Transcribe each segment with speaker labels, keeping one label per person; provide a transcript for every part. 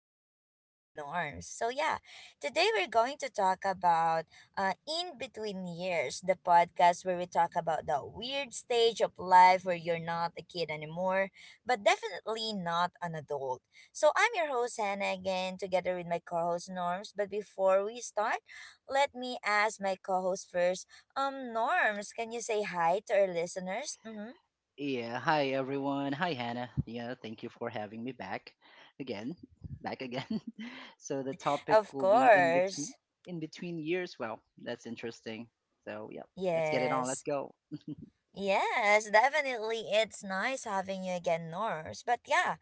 Speaker 1: podcast with Norms. So, yeah, today we're going to talk about In Between Years, the podcast where we talk about that weird stage of life where you're not a kid anymore, but definitely not an adult. So, I'm your host, Hannah, again, together with my co host, Norms. But before we start, let me ask my co host first. Norms, can you say hi to our listeners? Mm-hmm.
Speaker 2: Yeah, hi everyone. Hi Hannah. Yeah, thank you for having me back again. Back again. So the topic
Speaker 1: Of
Speaker 2: will be in between
Speaker 1: course.
Speaker 2: in between years. Well, that's interesting. So, yeah, let's get it on. Let's
Speaker 1: Yes.
Speaker 2: go.
Speaker 1: Yes, definitely. It's nice having you again, Norse. But yeah,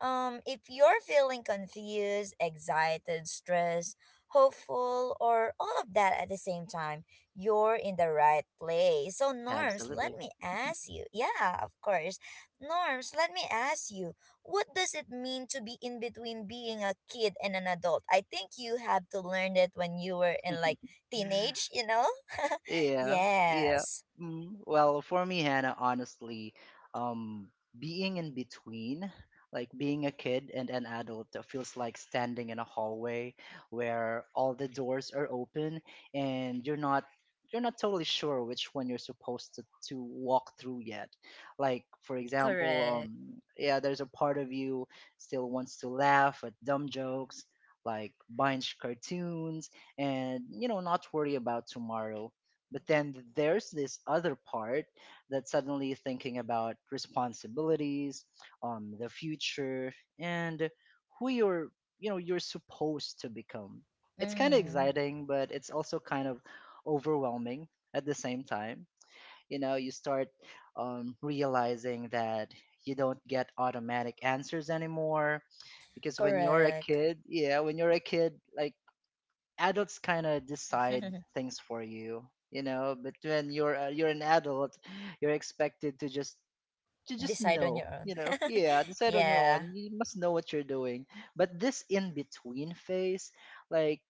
Speaker 1: if you're feeling confused, excited, stressed, hopeful, or all of that at the same time, you're in the right place. So, Norms, let
Speaker 2: Absolutely.
Speaker 1: me ask you. Yeah, of course. Norms, let me ask you, what does it mean to be in between being a kid and an adult? I think you have to learn it when you were in like teenage, you know?
Speaker 2: Yeah, yeah.
Speaker 1: Yes.
Speaker 2: Well, for me, Hannah, honestly, um, being in between, like being a kid and an adult, feels like standing in a hallway where all the doors are open and you're not totally sure which one you're supposed to walk through yet. Like, for example,
Speaker 1: Correct.
Speaker 2: yeah, there's a part of you still wants to laugh at dumb jokes, like binge cartoons, and not worry about tomorrow, but then there's this other part that suddenly thinking about responsibilities, the future, and who you're, you know, you're supposed to become. It's kind of
Speaker 1: Mm,
Speaker 2: exciting, but it's also kind of overwhelming at the same time. You start realizing that you don't get automatic answers anymore because when you're a
Speaker 1: correct.
Speaker 2: kid, like adults kind of decide things for you you know But when you're an adult, you're expected to just
Speaker 1: Decide on
Speaker 2: know,
Speaker 1: your own.
Speaker 2: yeah, decide on your
Speaker 1: Yeah.
Speaker 2: own. You must know what you're doing. But this in between phase, like,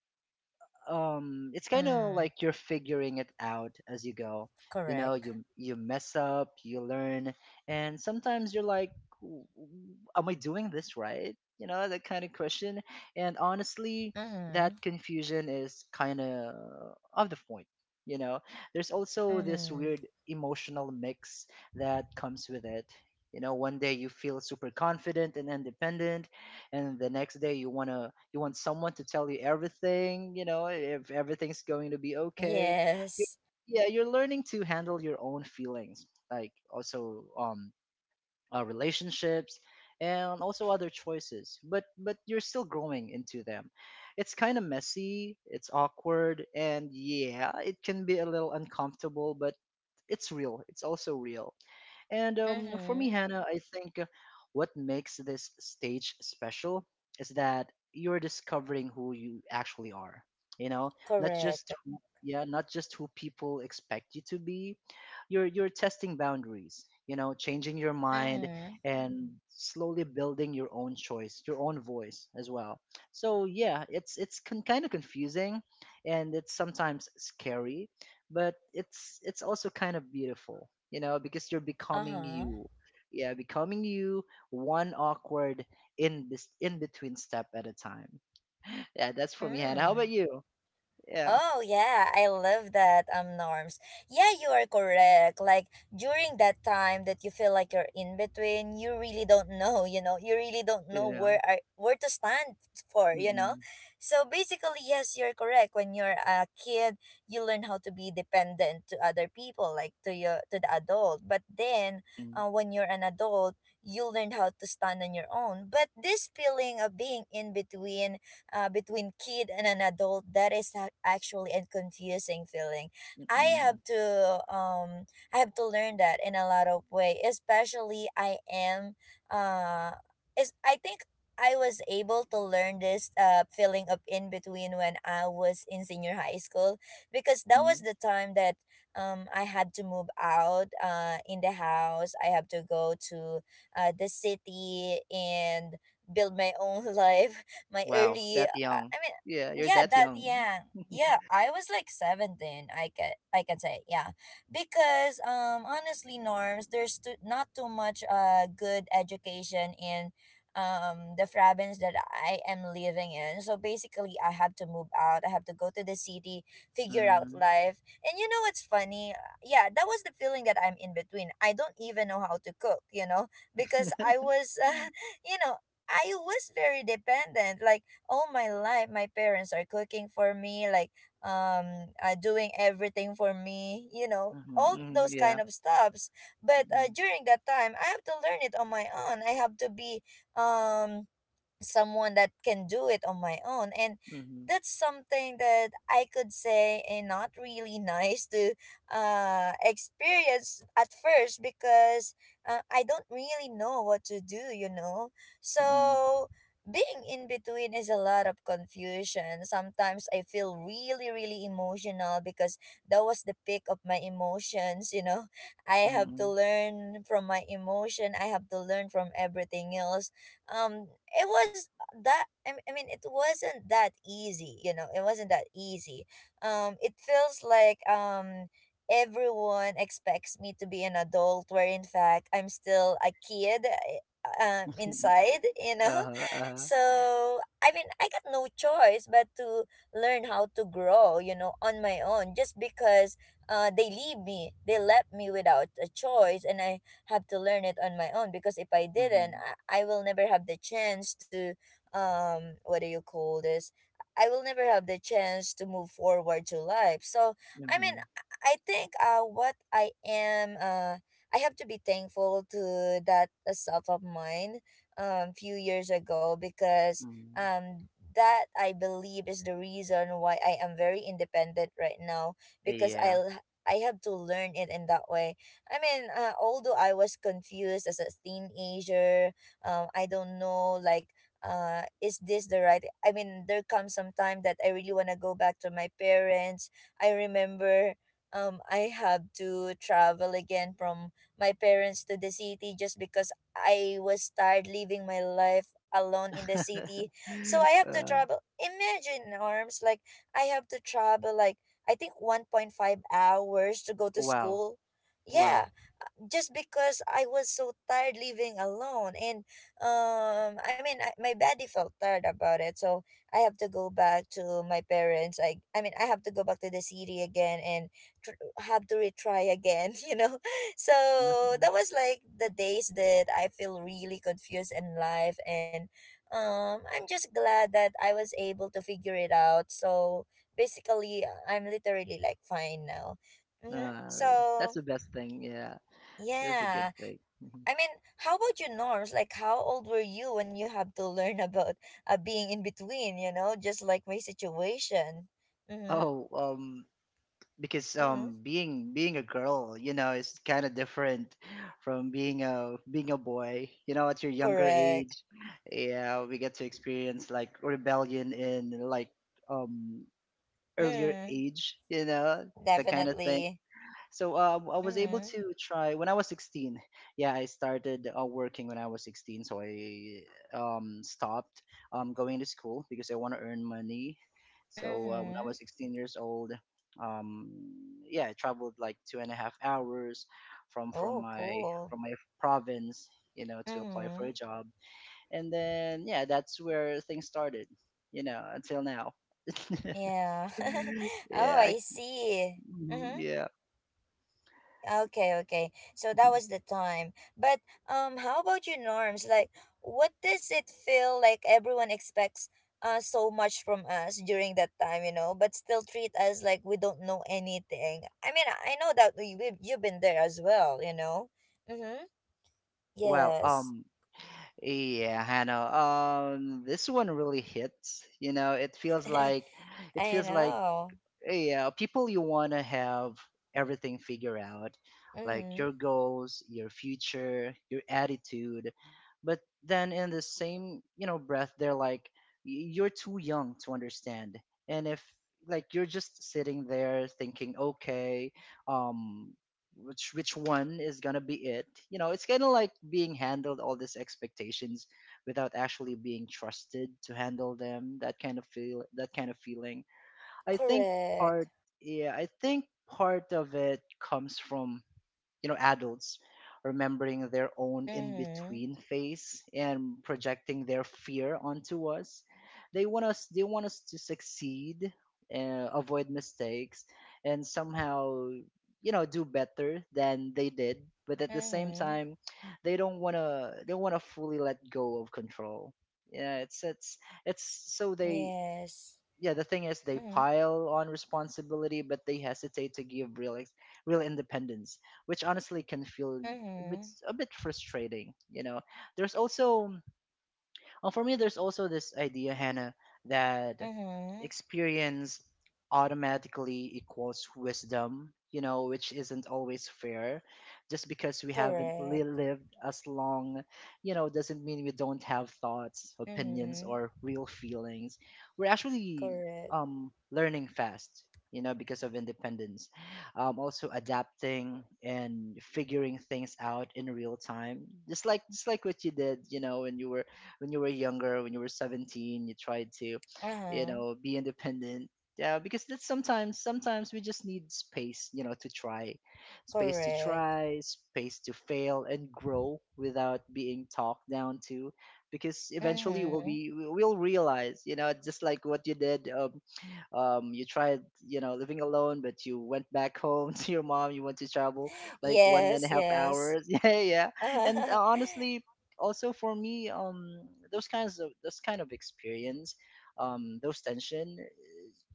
Speaker 2: it's kind of
Speaker 1: Mm,
Speaker 2: like you're figuring it out as you go. you know
Speaker 1: correct.
Speaker 2: you you mess up, you learn, and sometimes you're like, "W- w- am I doing this right?" That kind of question. And honestly,
Speaker 1: Mm-hmm.
Speaker 2: that confusion is kind of the point you know there's also this
Speaker 1: Mm-hmm.
Speaker 2: weird emotional mix that comes with it. One day you feel super confident and independent, and the next day you want someone to tell you everything if everything's going to be okay. you,
Speaker 1: Yes.
Speaker 2: yeah, you're learning to handle your own feelings, like also relationships and also other choices, but you're still growing into them. It's kind of messy, it's awkward, and yeah, it can be a little uncomfortable, but it's also real. And for me,
Speaker 1: Mm-hmm.
Speaker 2: Hannah, I think, what makes this stage special is that you're discovering who you actually are. You know, not
Speaker 1: Correct.
Speaker 2: just who people expect you to be. You're testing boundaries. You know, changing your mind
Speaker 1: Mm-hmm.
Speaker 2: and slowly building your own voice as well. So yeah, it's kind of confusing, and it's sometimes scary, but it's also kind of beautiful, because you're becoming
Speaker 1: Uh-huh.
Speaker 2: you. Yeah, becoming you, one awkward in this in between step at a time. Yeah, that's for me, Hannah. How
Speaker 1: Mm.
Speaker 2: about you? Yeah,
Speaker 1: Oh yeah, I love that Norms. Yeah, you are correct. Like during that time that you feel like you're in between, you really don't know. You really don't know
Speaker 2: yeah.
Speaker 1: where are where to stand for.
Speaker 2: Mm-mm,
Speaker 1: So basically, yes, you're correct. When you're a kid, you learn how to be dependent to other people, like to the adult. But then,
Speaker 2: mm,
Speaker 1: when you're an adult, you learn how to stand on your own. But this feeling of being in between between kid and an adult, that is actually a confusing feeling. i
Speaker 2: mm-mm,
Speaker 1: have to um i have to learn that in a lot of way, especially I am uh is I think I was able to learn this feeling of in between when I was in senior high school, because that
Speaker 2: mm-hmm.
Speaker 1: was the time that I had to move out in the house. I have to go to the city and build my own life. My
Speaker 2: Wow,
Speaker 1: early
Speaker 2: that young.
Speaker 1: I
Speaker 2: Yeah,
Speaker 1: mean
Speaker 2: you're
Speaker 1: Yeah,
Speaker 2: that
Speaker 1: that
Speaker 2: young.
Speaker 1: young. Yeah, I was like 17. I can say, yeah. Because honestly, Norms, there's not too much good education in the province that I am living in. So basically, I have to move out, I have to go to the city, figure out
Speaker 2: Mm.
Speaker 1: life. And you know what's funny, yeah, that was the feeling that I'm in between. I don't even know how to cook, you know, because I
Speaker 2: Mm-hmm.
Speaker 1: was you know I was very dependent. Like all my life, my parents are cooking for me, like doing everything for me. You know, all
Speaker 2: Mm-hmm,
Speaker 1: those
Speaker 2: yeah.
Speaker 1: kind of stuffs. But
Speaker 2: Mm-hmm,
Speaker 1: during that time, I have to learn it on my own. I have to be um someone that can do it on my own, and that's something that I could say, and not really nice to experience at first, because I don't really know what to do, you know.
Speaker 2: mm-hmm,
Speaker 1: So being in between is a lot of confusion. Sometimes I feel really really emotional because that was the peak of my emotions, you know. I have to
Speaker 2: mm-hmm.
Speaker 1: learn from my emotion, I have to learn from everything else. um it was, I mean, it wasn't that easy, you know, it wasn't that easy. It feels like everyone expects me to be an adult where in fact I'm still a kid, inside, you know.
Speaker 2: Uh-huh, uh-huh.
Speaker 1: So I mean, I got no choice but to learn how to grow, you know, on my own, just because they left me without a choice. And I have to learn it on my own, because if I didn't,
Speaker 2: Mm-hmm,
Speaker 1: I will never have the chance to what do you call this? I will never have the chance to move forward to life. So I mean,
Speaker 2: mm-hmm,
Speaker 1: I think what I am I have to be thankful to that self of mine few years ago, because
Speaker 2: mm-hmm.
Speaker 1: um that I believe is the reason why I am very independent right now, because I
Speaker 2: Yeah.
Speaker 1: I have to learn it in that way. I mean, although I was confused as a teenager, I don't know, like, is this the right? I mean, there comes some time that I really want to go back to my parents. I remember, I have to travel again from my parents to the city, just because I was tired living my life alone in the city. So I have to
Speaker 2: uh,
Speaker 1: travel. Imagine, arms, like, I have to travel, like, I think 1.5 hours to go to
Speaker 2: wow,
Speaker 1: school.
Speaker 2: wow.
Speaker 1: Yeah, just because I was so tired living alone, and I mean my body felt tired about it, so I have to go back to my parents. I mean I have to go back to the city again, and have to retry again, you know.
Speaker 2: Uh,
Speaker 1: So that was like the days that I feel really confused in life, and I'm just glad that I was able to figure it out. So basically, I'm literally like fine now. Mm-hmm.
Speaker 2: uh, that's
Speaker 1: So
Speaker 2: the best thing. Yeah, that's a good
Speaker 1: yeah.
Speaker 2: thing. Mhm.
Speaker 1: I mean, how about your Norms? Like, how old were you when you have to learn about being in between, you know, just like my situation? Mm-hmm.
Speaker 2: Oh, because
Speaker 1: Mm-hmm.
Speaker 2: being a girl, is kind of different from being a boy. You know, at your younger
Speaker 1: Correct.
Speaker 2: age, yeah, we get to experience like rebellion in like um earlier
Speaker 1: Mm,
Speaker 2: age. You know, the kind of thing.
Speaker 1: definitely.
Speaker 2: So I was able
Speaker 1: Mm-hmm.
Speaker 2: to try when I was 16. Yeah, I started working when I was 16, so I stopped going to school because I want to earn money. So when I
Speaker 1: Mm-hmm.
Speaker 2: was 16 years old, um, yeah, I traveled like 2.5 hours from from
Speaker 1: Oh,
Speaker 2: my
Speaker 1: cool.
Speaker 2: from my province, to apply for
Speaker 1: Mm-hmm.
Speaker 2: a job, and then yeah, that's where things started, until now.
Speaker 1: Yeah. Oh,
Speaker 2: Yeah,
Speaker 1: I see.
Speaker 2: mhm,
Speaker 1: Mm-hmm.
Speaker 2: yeah.
Speaker 1: Okay, okay. So that
Speaker 2: Mm-hmm.
Speaker 1: was the time. But how about you, Norms? Like, what does it feel like everyone expects so much from us during that time, you know, but still treat us like we don't know anything. I mean, I know that we you've been there as well, you know. Mhm.
Speaker 2: Well,
Speaker 1: Yes.
Speaker 2: yeah, Hannah. This one really hits. You know, it feels like it
Speaker 1: I
Speaker 2: feels like
Speaker 1: know.
Speaker 2: yeah, people you want to have everything figured out, like your
Speaker 1: Mhm.
Speaker 2: goals, your future, your attitude, but then in the same breath they're like, " You're too young to understand. And if, like, you're just sitting there thinking, okay, um which one is gonna be it. It's kind of like being handled all these expectations without actually being trusted to handle them, that kind of feeling. I think part
Speaker 1: Correct.
Speaker 2: Yeah, I think part of it comes from, adults remembering their own
Speaker 1: Mhm.
Speaker 2: in-between phase and projecting their fear onto us. They want us to succeed, avoid mistakes and somehow, do better than they did, but at the same
Speaker 1: Mhm.
Speaker 2: time, they don't want to they want to fully let go of control. Yeah, it's so they
Speaker 1: Yes.
Speaker 2: yeah The thing is, they
Speaker 1: Mhm.
Speaker 2: pile on responsibility, but they hesitate to give real independence, which honestly can feel a bit,
Speaker 1: Mhm.
Speaker 2: a bit frustrating, there's also For me, there's also this idea, Hannah, that
Speaker 1: Mhm.
Speaker 2: experience automatically equals wisdom, which isn't always fair. Just because we haven't
Speaker 1: Correct.
Speaker 2: lived as long, doesn't mean we don't have thoughts, opinions,
Speaker 1: Mhm.
Speaker 2: or real feelings. We're actually
Speaker 1: Correct.
Speaker 2: learning fast, because of independence. Also adapting and figuring things out in real time, just like what you did, when you were younger, when you were 17, you tried to,
Speaker 1: Uh-huh.
Speaker 2: be independent. Yeah, because that's sometimes we just need space, to try, space to
Speaker 1: Correct.
Speaker 2: try, space to fail and grow without being talked down to, because eventually
Speaker 1: Mm-hmm.
Speaker 2: we'll realize, just like what you did, you tried, living alone, but you went back home to your mom, you went to travel like one and
Speaker 1: Yes,
Speaker 2: a half
Speaker 1: yes.
Speaker 2: hours Yeah, yeah. And honestly, also for me, those kind of experience, those tension,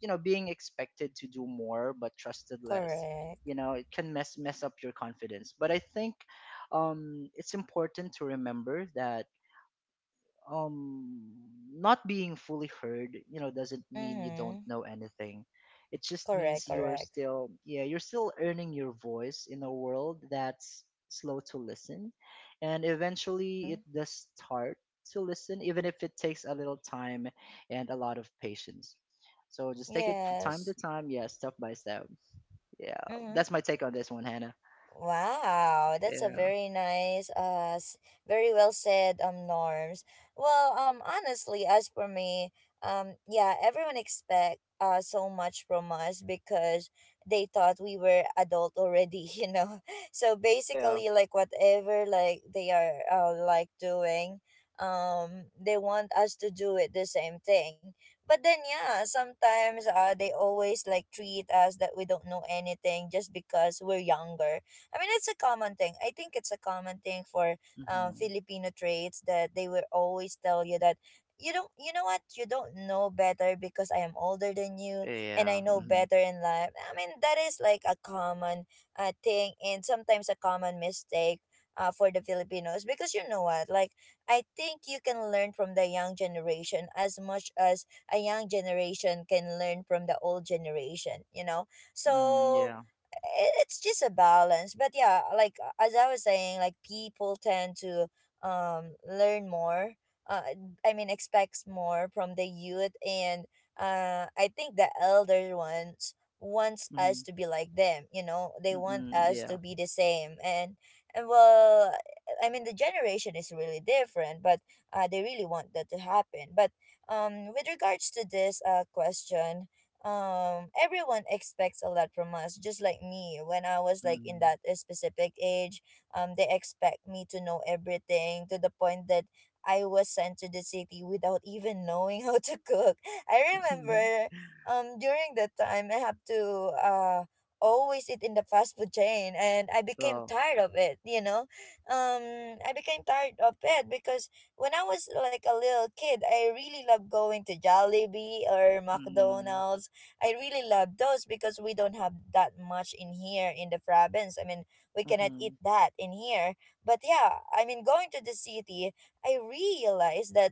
Speaker 2: being expected to do more but trusted less,
Speaker 1: Correct.
Speaker 2: it can mess up your confidence, but I think, it's important to remember that, um not being fully heard, doesn't mean you don't
Speaker 1: Mm-hmm.
Speaker 2: know anything. It just means
Speaker 1: Correct,
Speaker 2: you're
Speaker 1: correct.
Speaker 2: still yeah you're still earning your voice in a world that's slow to listen, and eventually it
Speaker 1: Mm-hmm.
Speaker 2: does start to listen, even if it takes a little time and a lot of patience. So just take it from time to
Speaker 1: Yes.
Speaker 2: time, yeah, step by step. Yeah,
Speaker 1: Mm-hmm.
Speaker 2: that's my take on this one, Hannah.
Speaker 1: Wow, that's a
Speaker 2: Yeah,
Speaker 1: very nice, very well said, Norms. Well, honestly, as for me, yeah, everyone expect so much from us, because they thought we were adult already, you know. So
Speaker 2: yeah.
Speaker 1: basically, like whatever like they are like doing, they want us to do it the same thing. But then yeah, sometimes they always like treat us that we don't know anything just because we're younger. I mean, it's a common thing. I think it's a common thing for
Speaker 2: Hmm.
Speaker 1: Filipino traits, that they will always tell you that you don't, you know what, you don't know better because I am older than you, and
Speaker 2: Yeah.
Speaker 1: I know
Speaker 2: Hmm.
Speaker 1: better in life. I mean, that is like a common thing, and sometimes a common mistake for the Filipinos, because you know what, like, I think you can learn from the young generation as much as a young generation can learn from the old generation, you know.
Speaker 2: Mm-mm,
Speaker 1: So
Speaker 2: yeah.
Speaker 1: it's just a balance. But yeah, like as I was saying, like people tend to learn more, uh, I mean, expects more from the youth. And I think the elder ones wants us
Speaker 2: Mm-hmm.
Speaker 1: to be like them, you know. They want
Speaker 2: Mm-mm,
Speaker 1: us to
Speaker 2: yeah.
Speaker 1: be the same, and well, I mean, the generation is really different, but they really want that to happen. But with regards to this question, everyone expects a lot from us, just like me when I was like in
Speaker 2: Mm.
Speaker 1: that specific age. They expect me to know everything, to the point that I was sent to the city without even knowing how to cook. I remember during that time, I have to always eat in the fast food chain, and I became
Speaker 2: So,
Speaker 1: tired of it, you know. I became tired of it, because when I was like a little kid, I really loved going to Jollibee or
Speaker 2: mm,
Speaker 1: McDonald's. I really love those because we don't have that much in here in the province. I mean, we cannot eat
Speaker 2: mhm.
Speaker 1: that in here. But yeah, I mean, going to the city, I realized that,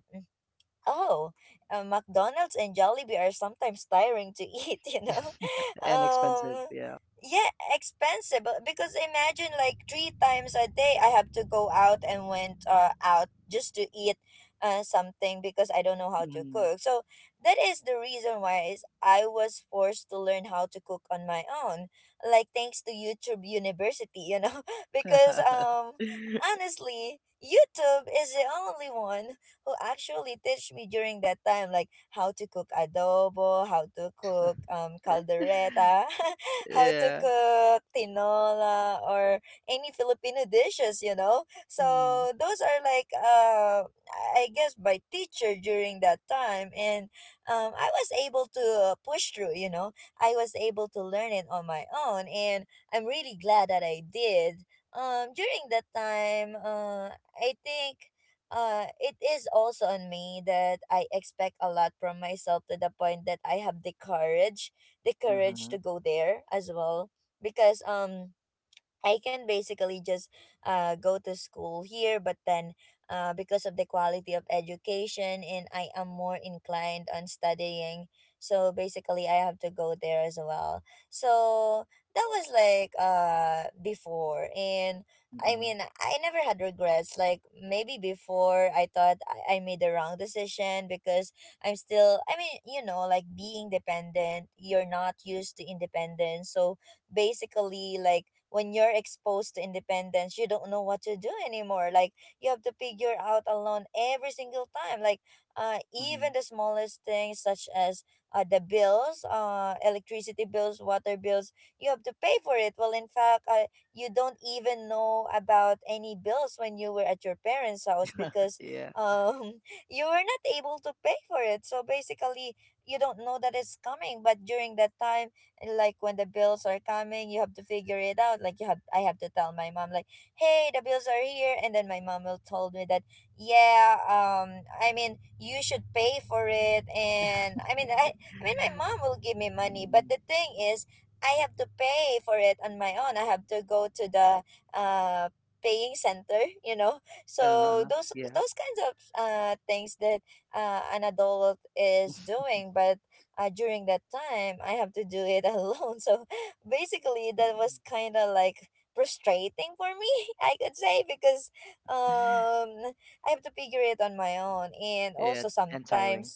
Speaker 1: oh, McDonald's and Jollibee are sometimes tiring to eat, you know?
Speaker 2: And expensive,
Speaker 1: Um,
Speaker 2: yeah.
Speaker 1: yeah, expensive. Because imagine like three times a day I have to go out and went out just to eat something, because I don't know how to
Speaker 2: Mm.
Speaker 1: cook. So that is the reason why is I was forced to learn how to cook on my own, like, thanks to YouTube University, you know? Because honestly, YouTube is the only one who actually teach me during that time, like how to cook adobo, how to cook caldereta, how to
Speaker 2: Yeah.
Speaker 1: cook tinola or any Filipino dishes, you know.
Speaker 2: Mm.
Speaker 1: So those are like I guess by teacher during that time. And I was able to push through, I was able to learn it on my own, and I'm really glad that I did. During that time, I think it is also on me that I expect a lot from myself, to the point that I have the courage
Speaker 2: Mm-hmm.
Speaker 1: to go there as well. Because I can basically just go to school here, but then because of the quality of education, and I am more inclined on studying, so basically I have to go there as well. So that was like before, and I
Speaker 2: Mm-hmm.
Speaker 1: mean I never had regrets. Like maybe before I thought I made the wrong decision because I mean, you know, like being dependent, you're not used to independence. So basically, like when you're exposed to independence, you don't know what to do anymore. Like you have to figure out alone every single time. Like even
Speaker 2: Mm-hmm.
Speaker 1: the smallest things such as the bills, electricity bills, water bills, you have to pay for it. Well, in fact, you don't even know about any bills when you were at your parents' house because
Speaker 2: Yeah.
Speaker 1: um you were not able to pay for it. So basically you don't know that it's coming. But during that time, like when the bills are coming, you have to figure it out. Like you have, I have to tell my mom like, hey, the bills are here. And then my mom will told me that, yeah, I mean you should pay for it. And I mean my mom will give me money, but
Speaker 2: Mm.
Speaker 1: the thing is I have to pay for it on my own. I have to go to the uh paying center, you know. So those
Speaker 2: Yeah.
Speaker 1: those kinds of things that an adult is doing, but during that time I have to do it alone. So basically that
Speaker 2: Mm.
Speaker 1: was kind of like frustrating for me, I could say, because um I have to figure it on my own. And
Speaker 2: Yeah,
Speaker 1: also
Speaker 2: and tiring.
Speaker 1: sometimes,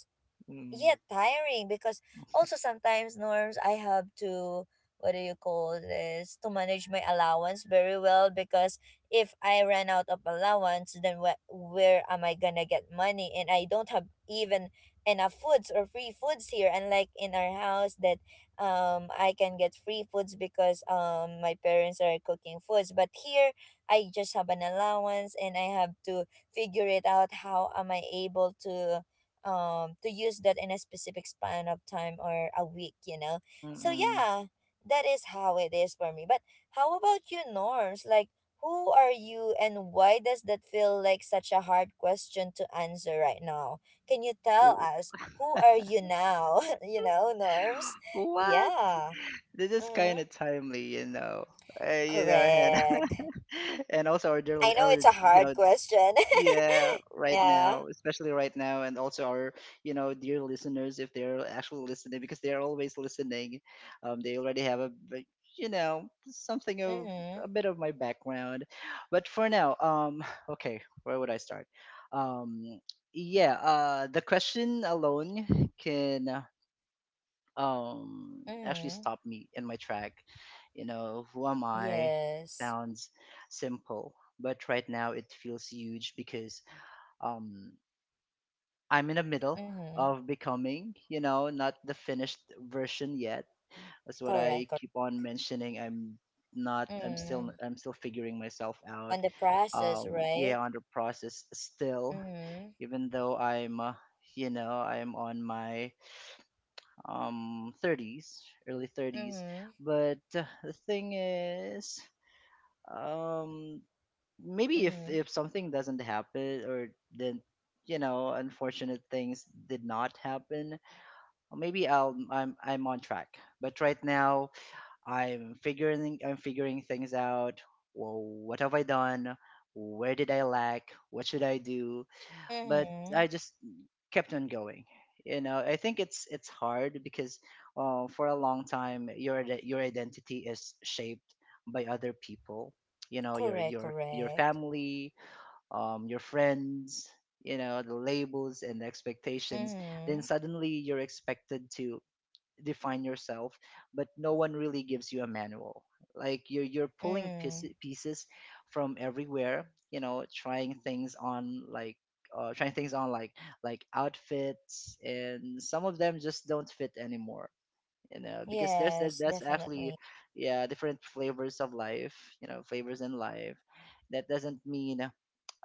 Speaker 1: yeah,
Speaker 2: Mm.
Speaker 1: tiring because also sometimes, Norms, I have to, what do you call this, to manage my allowance very well, because if I ran out of allowance, then where am I gonna get money? And I don't have even enough foods or free foods here, unlike in our house, that I can get free foods because my parents are cooking foods. But here I just have an allowance, and I have to figure it out, how am I able to use that in a specific span of time or a week, you know. So
Speaker 2: Mm-mm.
Speaker 1: yeah, that is how it is for me. But how about you, Norms? Like, who are you, and why does that feel like such a hard question to answer right now? Can you tell
Speaker 2: Ooh.
Speaker 1: us who are you now, you know, Norms?
Speaker 2: What?
Speaker 1: Yeah.
Speaker 2: This is
Speaker 1: Mm-hmm.
Speaker 2: kind of timely. Hannah.
Speaker 1: Correct.
Speaker 2: and also our dear,
Speaker 1: I know
Speaker 2: our
Speaker 1: it's a
Speaker 2: you
Speaker 1: hard
Speaker 2: know
Speaker 1: question.
Speaker 2: Yeah, right
Speaker 1: Yeah.
Speaker 2: now, especially right now, and also our, dear listeners, if they're actually listening, because they're always listening, they already have a, bit- you know, something of
Speaker 1: Mm-hmm.
Speaker 2: a bit of my background. But for now, okay, where would I start? Um, yeah, the question alone can, actually
Speaker 1: Mm-hmm.
Speaker 2: stop me in my track. Who am I?
Speaker 1: Yes.
Speaker 2: Sounds simple, but right now it feels huge because um I'm in the middle
Speaker 1: Mm-hmm.
Speaker 2: of becoming, not the finished version yet. That's what I
Speaker 1: Correct.
Speaker 2: keep on mentioning. I'm not I'm still
Speaker 1: Mm,
Speaker 2: I'm still figuring myself out.
Speaker 1: on the process,
Speaker 2: Um
Speaker 1: right?
Speaker 2: yeah, under process still,
Speaker 1: Mm-hmm.
Speaker 2: even though I'm on my 30s, early 30s,
Speaker 1: Mm-hmm.
Speaker 2: but the thing is, um maybe if
Speaker 1: Mm-hmm.
Speaker 2: something doesn't happen, or then unfortunate things did not happen, or maybe I'm on track, but right now I'm figuring things out. Well, what have I done, where did I lack, what should I do, but
Speaker 1: Mm-hmm.
Speaker 2: I just kept on going. I think it's hard because, for a long time your your identity is shaped by other people you know your
Speaker 1: Correct,
Speaker 2: your your
Speaker 1: correct.
Speaker 2: family, your friends, the labels and the expectations, then
Speaker 1: Mm-hmm.
Speaker 2: suddenly you're expected to define yourself, but no one really gives you a manual. Like you're pulling
Speaker 1: Mm.
Speaker 2: pieces from everywhere, trying things on like outfits, and some of them just don't fit anymore because there's that
Speaker 1: Yes,
Speaker 2: that's actually
Speaker 1: definitely.
Speaker 2: yeah, different flavors of life, flavors in life, that doesn't mean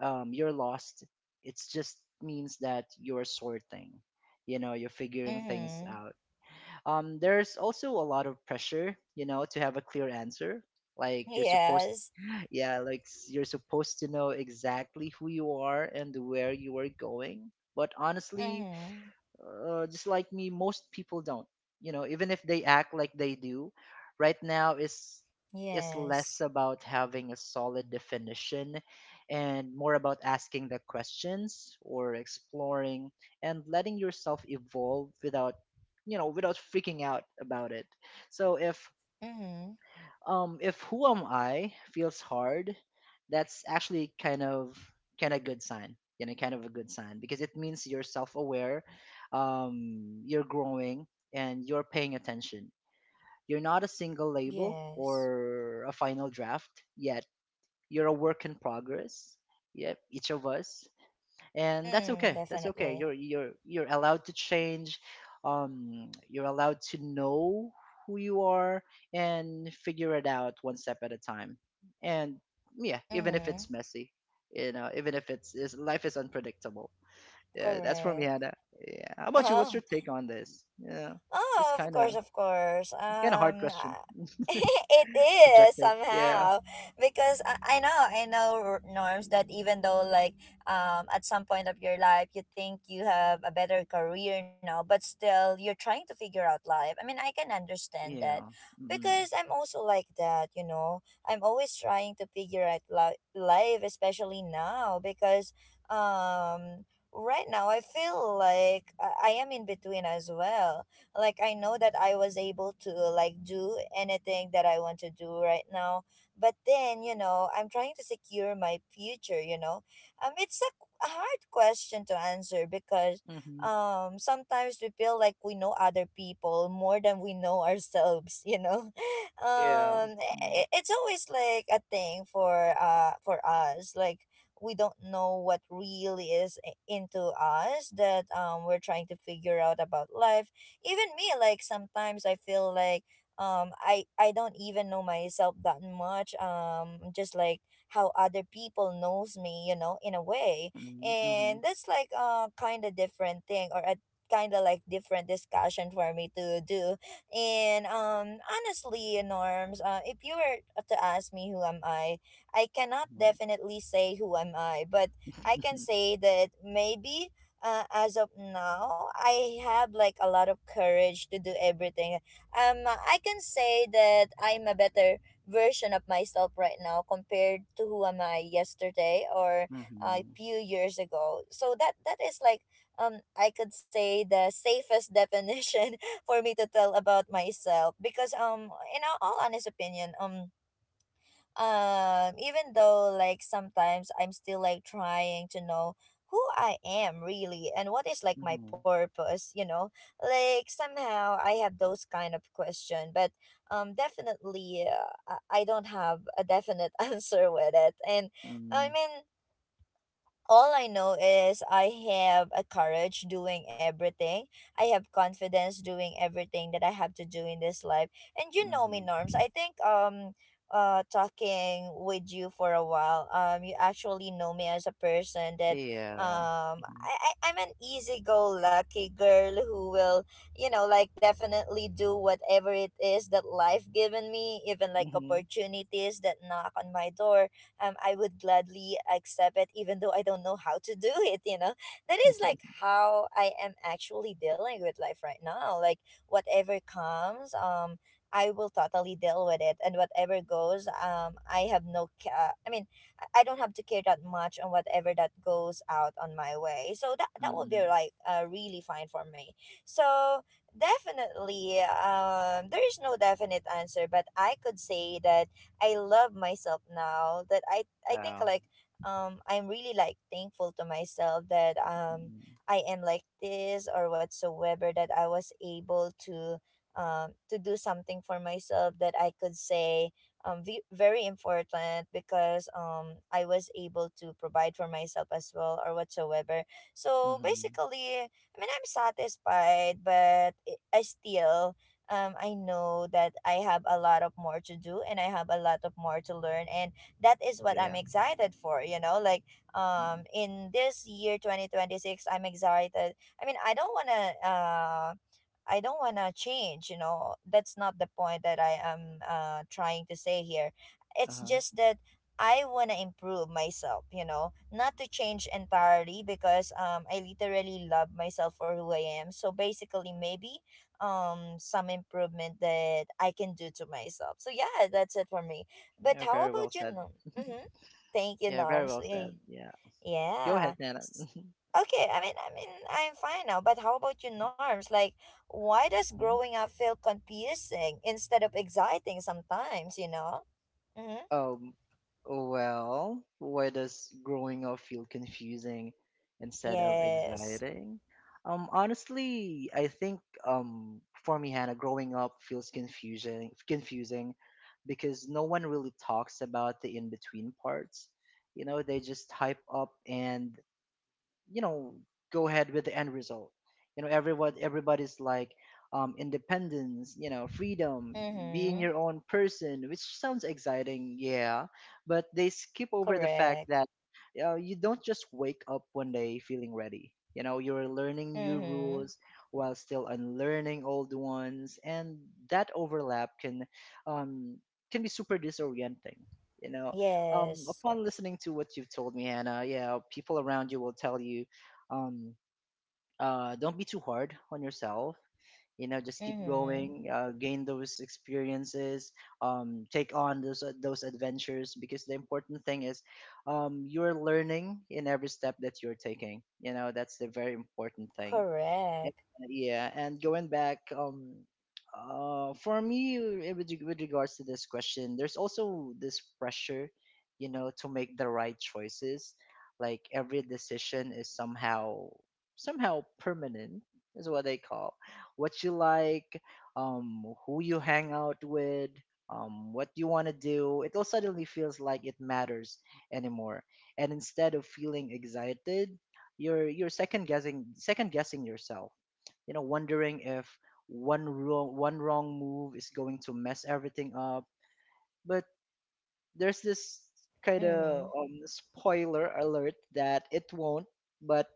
Speaker 2: you're lost. It just means that you're sorting, you're figuring things
Speaker 1: Mm-hmm.
Speaker 2: out. There's also a lot of pressure, to have a clear answer, like you're supposed,
Speaker 1: Yes.
Speaker 2: yeah, like you're supposed to know exactly who you are and where you are going, but honestly,
Speaker 1: Mm-hmm.
Speaker 2: just like me, most people don't. You know, even if they act like they do, right now is
Speaker 1: Yes.
Speaker 2: less about having a solid definition and more about asking the questions or exploring and letting yourself evolve without without freaking out about it. So if
Speaker 1: Mm-hmm.
Speaker 2: um if who am I feels hard, that's actually kind of good sign. You know, kind of a good sign because it means you're self-aware, you're growing, and you're paying attention. You're not a single label
Speaker 1: Yes.
Speaker 2: or a final draft yet. You're a work in progress. Yep, each of us, and that's
Speaker 1: Mm,
Speaker 2: okay, you're
Speaker 1: definitely.
Speaker 2: you're allowed to change. You're allowed to know who you are and figure it out one step at a time. And yeah, even if
Speaker 1: Mm-hmm.
Speaker 2: it's messy, even if it's, it's life is unpredictable. Yeah, that's for me,
Speaker 1: Correct.
Speaker 2: Hannah. Yeah, how about you? What's
Speaker 1: Oh,
Speaker 2: your take on this? Yeah, it's just
Speaker 1: oh, of
Speaker 2: kind of
Speaker 1: course, of course.
Speaker 2: it's kind of hard question.
Speaker 1: I- it is
Speaker 2: Subjective, yeah.
Speaker 1: somehow, because I know, I know, Norms, that even though like at some point of your life you think you have a better career now, but still you're trying to figure out life. I mean, I can understand that
Speaker 2: Yeah, mm-hmm.
Speaker 1: because I'm also like that. You know, I'm always trying to figure out life, especially now because um. Right now, I feel like I am in between as well. Like I know that I was able to like do anything that I want to do right now, but then, you know, I'm trying to secure my future, you know. It's a a hard question to answer because
Speaker 2: Mm-hmm.
Speaker 1: sometimes we feel like we know other people more than we know ourselves, you know.
Speaker 2: Yeah, mm-hmm.
Speaker 1: It's always like a thing for us. Like we don't know what really is into us, that we're trying to figure out about life. Even me, like sometimes I feel like I don't even know myself that much, just like how other people knows me, you know, in a way.
Speaker 2: Mm-hmm.
Speaker 1: And that's like a kind of different thing, or a kind of like different discussion for me to do. And honestly, Norms, if you were to ask me who am I cannot
Speaker 2: Mm-hmm.
Speaker 1: definitely say who am I, but I can say that maybe as of now, I have like a lot of courage to do everything. I can say that I'm a better version of myself right now compared to who am I yesterday or a
Speaker 2: Mhm.
Speaker 1: few years ago. So that, that is like I could say the safest definition for me to tell about myself, because in all honest opinion, even though like sometimes I'm still like trying to know who I am really and what is like my
Speaker 2: Mhm.
Speaker 1: purpose, you know, like somehow I have those kind of question. But definitely, I don't have a definite answer with it. And I
Speaker 2: Mhm.
Speaker 1: mean, all I know is I have a courage doing everything. I have confidence doing everything that I have to do in this life. And you know me,
Speaker 2: Mhm.
Speaker 1: Norms. I think talking with you for a while, you actually know me as a person that
Speaker 2: Yeah. Mhm.
Speaker 1: I'm an easy go lucky girl who will, you know, like definitely do whatever it is that life given me, even like
Speaker 2: Mhm.
Speaker 1: opportunities that knock on my door. I would gladly accept it, even though I don't know how to do it. You know, that is like how I am actually dealing with life right now. Like whatever comes, I will totally deal with it. And whatever goes, I mean, I don't have to care that much on whatever that goes out on my way. So that, that would be
Speaker 2: Mhm.
Speaker 1: like really fine for me. So definitely, there is no definite answer, but I could say that I love myself now that I think
Speaker 2: Wow.
Speaker 1: like I'm really like thankful to myself that
Speaker 2: Mhm.
Speaker 1: I am like this, or whatsoever, that I was able to do something for myself that I could say very important, because I was able to provide for myself as well, or whatsoever. So
Speaker 2: Mhm.
Speaker 1: basically, I mean I'm satisfied, but it, I still, I know that I have a lot of more to do, and I have a lot of more to learn. And that is what I'm
Speaker 2: Yeah.
Speaker 1: excited for, you know, like
Speaker 2: Mm.
Speaker 1: in this year, 2026, I'm excited. I mean, I don't want to. I don't want to change, you know. That's not the point that I am trying to say here. It's
Speaker 2: Uh-huh.
Speaker 1: just that I want to improve myself, you know, not to change entirely, because I literally love myself for who I am. So basically, maybe some improvement that I can do to myself. So yeah, that's it for me. But
Speaker 2: Yeah,
Speaker 1: how
Speaker 2: very well
Speaker 1: about you,
Speaker 2: said.
Speaker 1: Norm? Mm-hmm. Thank you,
Speaker 2: Yeah, very
Speaker 1: Norms.
Speaker 2: well
Speaker 1: Yeah.
Speaker 2: said. Yeah. Go ahead,
Speaker 1: Yeah.
Speaker 2: Nana.
Speaker 1: S- Okay, I mean, I'm fine now, but how about your Norms? Like, why does growing up feel confusing instead of exciting sometimes, you know? Mm-hmm.
Speaker 2: Um, well, why does growing up feel confusing instead of
Speaker 1: Yes.
Speaker 2: exciting? Honestly, I think for me, Hannah, growing up feels confusing because no one really talks about the in-between parts. You know, they just hype up and you know go ahead with the end result. You know, everyone everybody's like, independence, you know, freedom, being
Speaker 1: Mm-hmm.
Speaker 2: your own person, which sounds exciting. Yeah, but they skip over the fact
Speaker 1: Correct.
Speaker 2: that you don't just wake up one day feeling ready. You know, you're learning new
Speaker 1: Mm-hmm.
Speaker 2: rules while still unlearning old ones, and that overlap um, can be super disorienting, you know.
Speaker 1: Yes.
Speaker 2: Upon listening to what you've told me, Hannah, yeah, people around you will tell you, um, don't be too hard on yourself. You know, just keep
Speaker 1: Mm-hmm.
Speaker 2: going, gain those experiences, take on those adventures. Because the important thing is, you're learning in every step that you're taking. You know, that's the very important thing. And,
Speaker 1: Correct.
Speaker 2: yeah, and going back, for me, with regards to this question, there's also this pressure, you know, to make the right choices. Like every decision is somehow permanent, is what they call, what you like, who you hang out with, what you want to do. It all suddenly feels like it matters anymore, and instead of feeling excited you're second guessing yourself, you know, wondering if one wrong move is going to mess everything up. But there's this kind of
Speaker 1: Mm-hmm.
Speaker 2: spoiler alert that it won't, but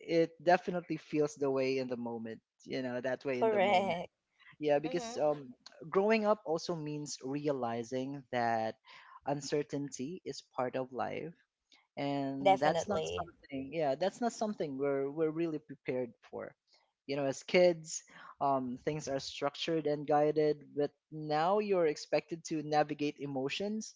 Speaker 2: it definitely feels the way in the moment. You know, that way in the moment.
Speaker 1: Correct.
Speaker 2: Yeah, because
Speaker 1: Mm-hmm.
Speaker 2: growing up also means realizing that uncertainty is part of life, and that's not
Speaker 1: Definitely.
Speaker 2: something, yeah, that's not something we're really prepared for. You know, as kids, things are structured and guided, but now you're expected to navigate emotions,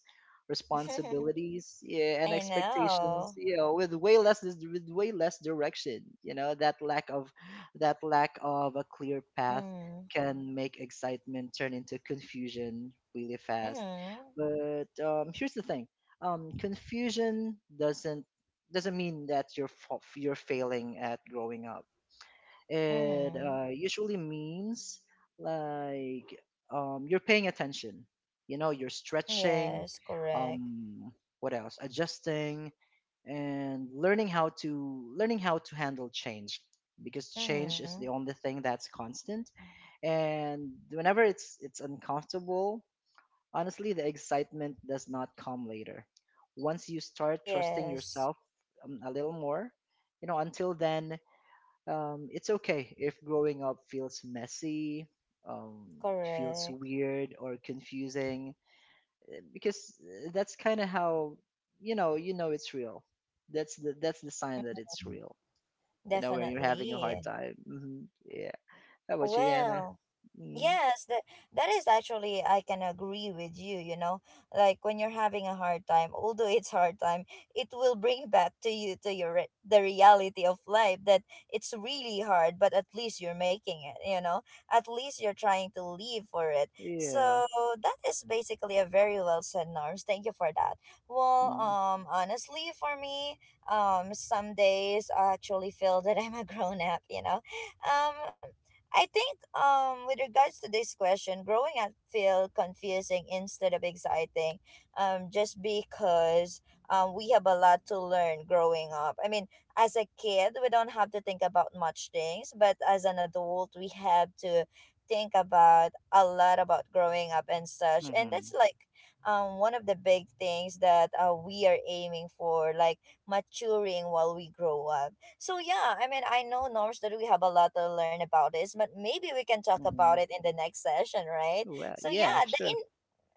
Speaker 2: responsibilities, yeah, and
Speaker 1: I
Speaker 2: expectations,
Speaker 1: know.
Speaker 2: you know, with way less direction. You know, that lack of a clear path
Speaker 1: Mm-hmm.
Speaker 2: can make excitement turn into confusion really fast.
Speaker 1: Mm-hmm.
Speaker 2: But here's the thing, confusion doesn't mean that you're you're failing at growing up. It
Speaker 1: Mm-hmm.
Speaker 2: usually means, like, you're paying attention. You know, you're stretching.
Speaker 1: Yes, correct.
Speaker 2: Um, what else? Adjusting and learning how to handle change, because change
Speaker 1: Mm-hmm.
Speaker 2: is the only thing that's constant, and whenever it's uncomfortable. Honestly, the excitement does not come later. Once you start trusting
Speaker 1: Yes,
Speaker 2: yourself a little more, you know, until then, it's okay if growing up feels messy, um, feels
Speaker 1: correct.
Speaker 2: weird or confusing, because that's kind of how, you know it's real. That's the sign that it's
Speaker 1: Mhm.
Speaker 2: real. You know, when you're having a
Speaker 1: Definitely.
Speaker 2: hard time. Hmm. Yeah. How about you, Anna?
Speaker 1: Well,
Speaker 2: Mm.
Speaker 1: yes, that, that is actually I can agree with you, you know. Like when you're having a hard time, although it's hard time, it will bring back to you, to your the reality of life, that it's really hard, but at least you're making it, you know. At least you're trying to live for it.
Speaker 2: Yeah.
Speaker 1: So that is basically a very well said, Norms. Thank you for that. Well,
Speaker 2: Mm-mm.
Speaker 1: honestly for me, some days I actually feel that I'm a grown up, you know. Um I think with regards to this question, growing up feel confusing instead of exciting, just because we have a lot to learn growing up. I mean, as a kid, we don't have to think about much things, but as an adult, we have to think about a lot about growing up and such. And that's
Speaker 2: Hmm.
Speaker 1: like one of the big things that we are aiming for, like maturing while we grow up. So yeah, I mean, I know Norms that we have a lot to learn about this, but maybe we can talk about
Speaker 2: Mm-hmm.
Speaker 1: it in the next session, right?
Speaker 2: Well,
Speaker 1: So
Speaker 2: yeah,
Speaker 1: yeah, the
Speaker 2: sure.
Speaker 1: in,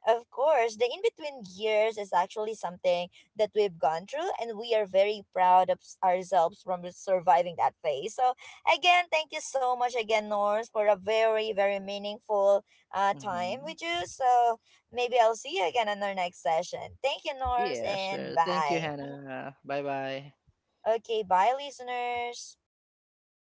Speaker 1: of course, the in between years is actually something that we've gone through, and we are very proud of ourselves from surviving that phase. So again, thank you so much again, Norms, for a very very meaningful time
Speaker 2: Hmm.
Speaker 1: with you. So maybe I'll see you again on our next session. Thank you, Norms,
Speaker 2: Yeah,
Speaker 1: and
Speaker 2: sure. Thank you,
Speaker 1: bye. Mhm.
Speaker 2: Hannah. Bye bye.
Speaker 1: Okay, bye, listeners.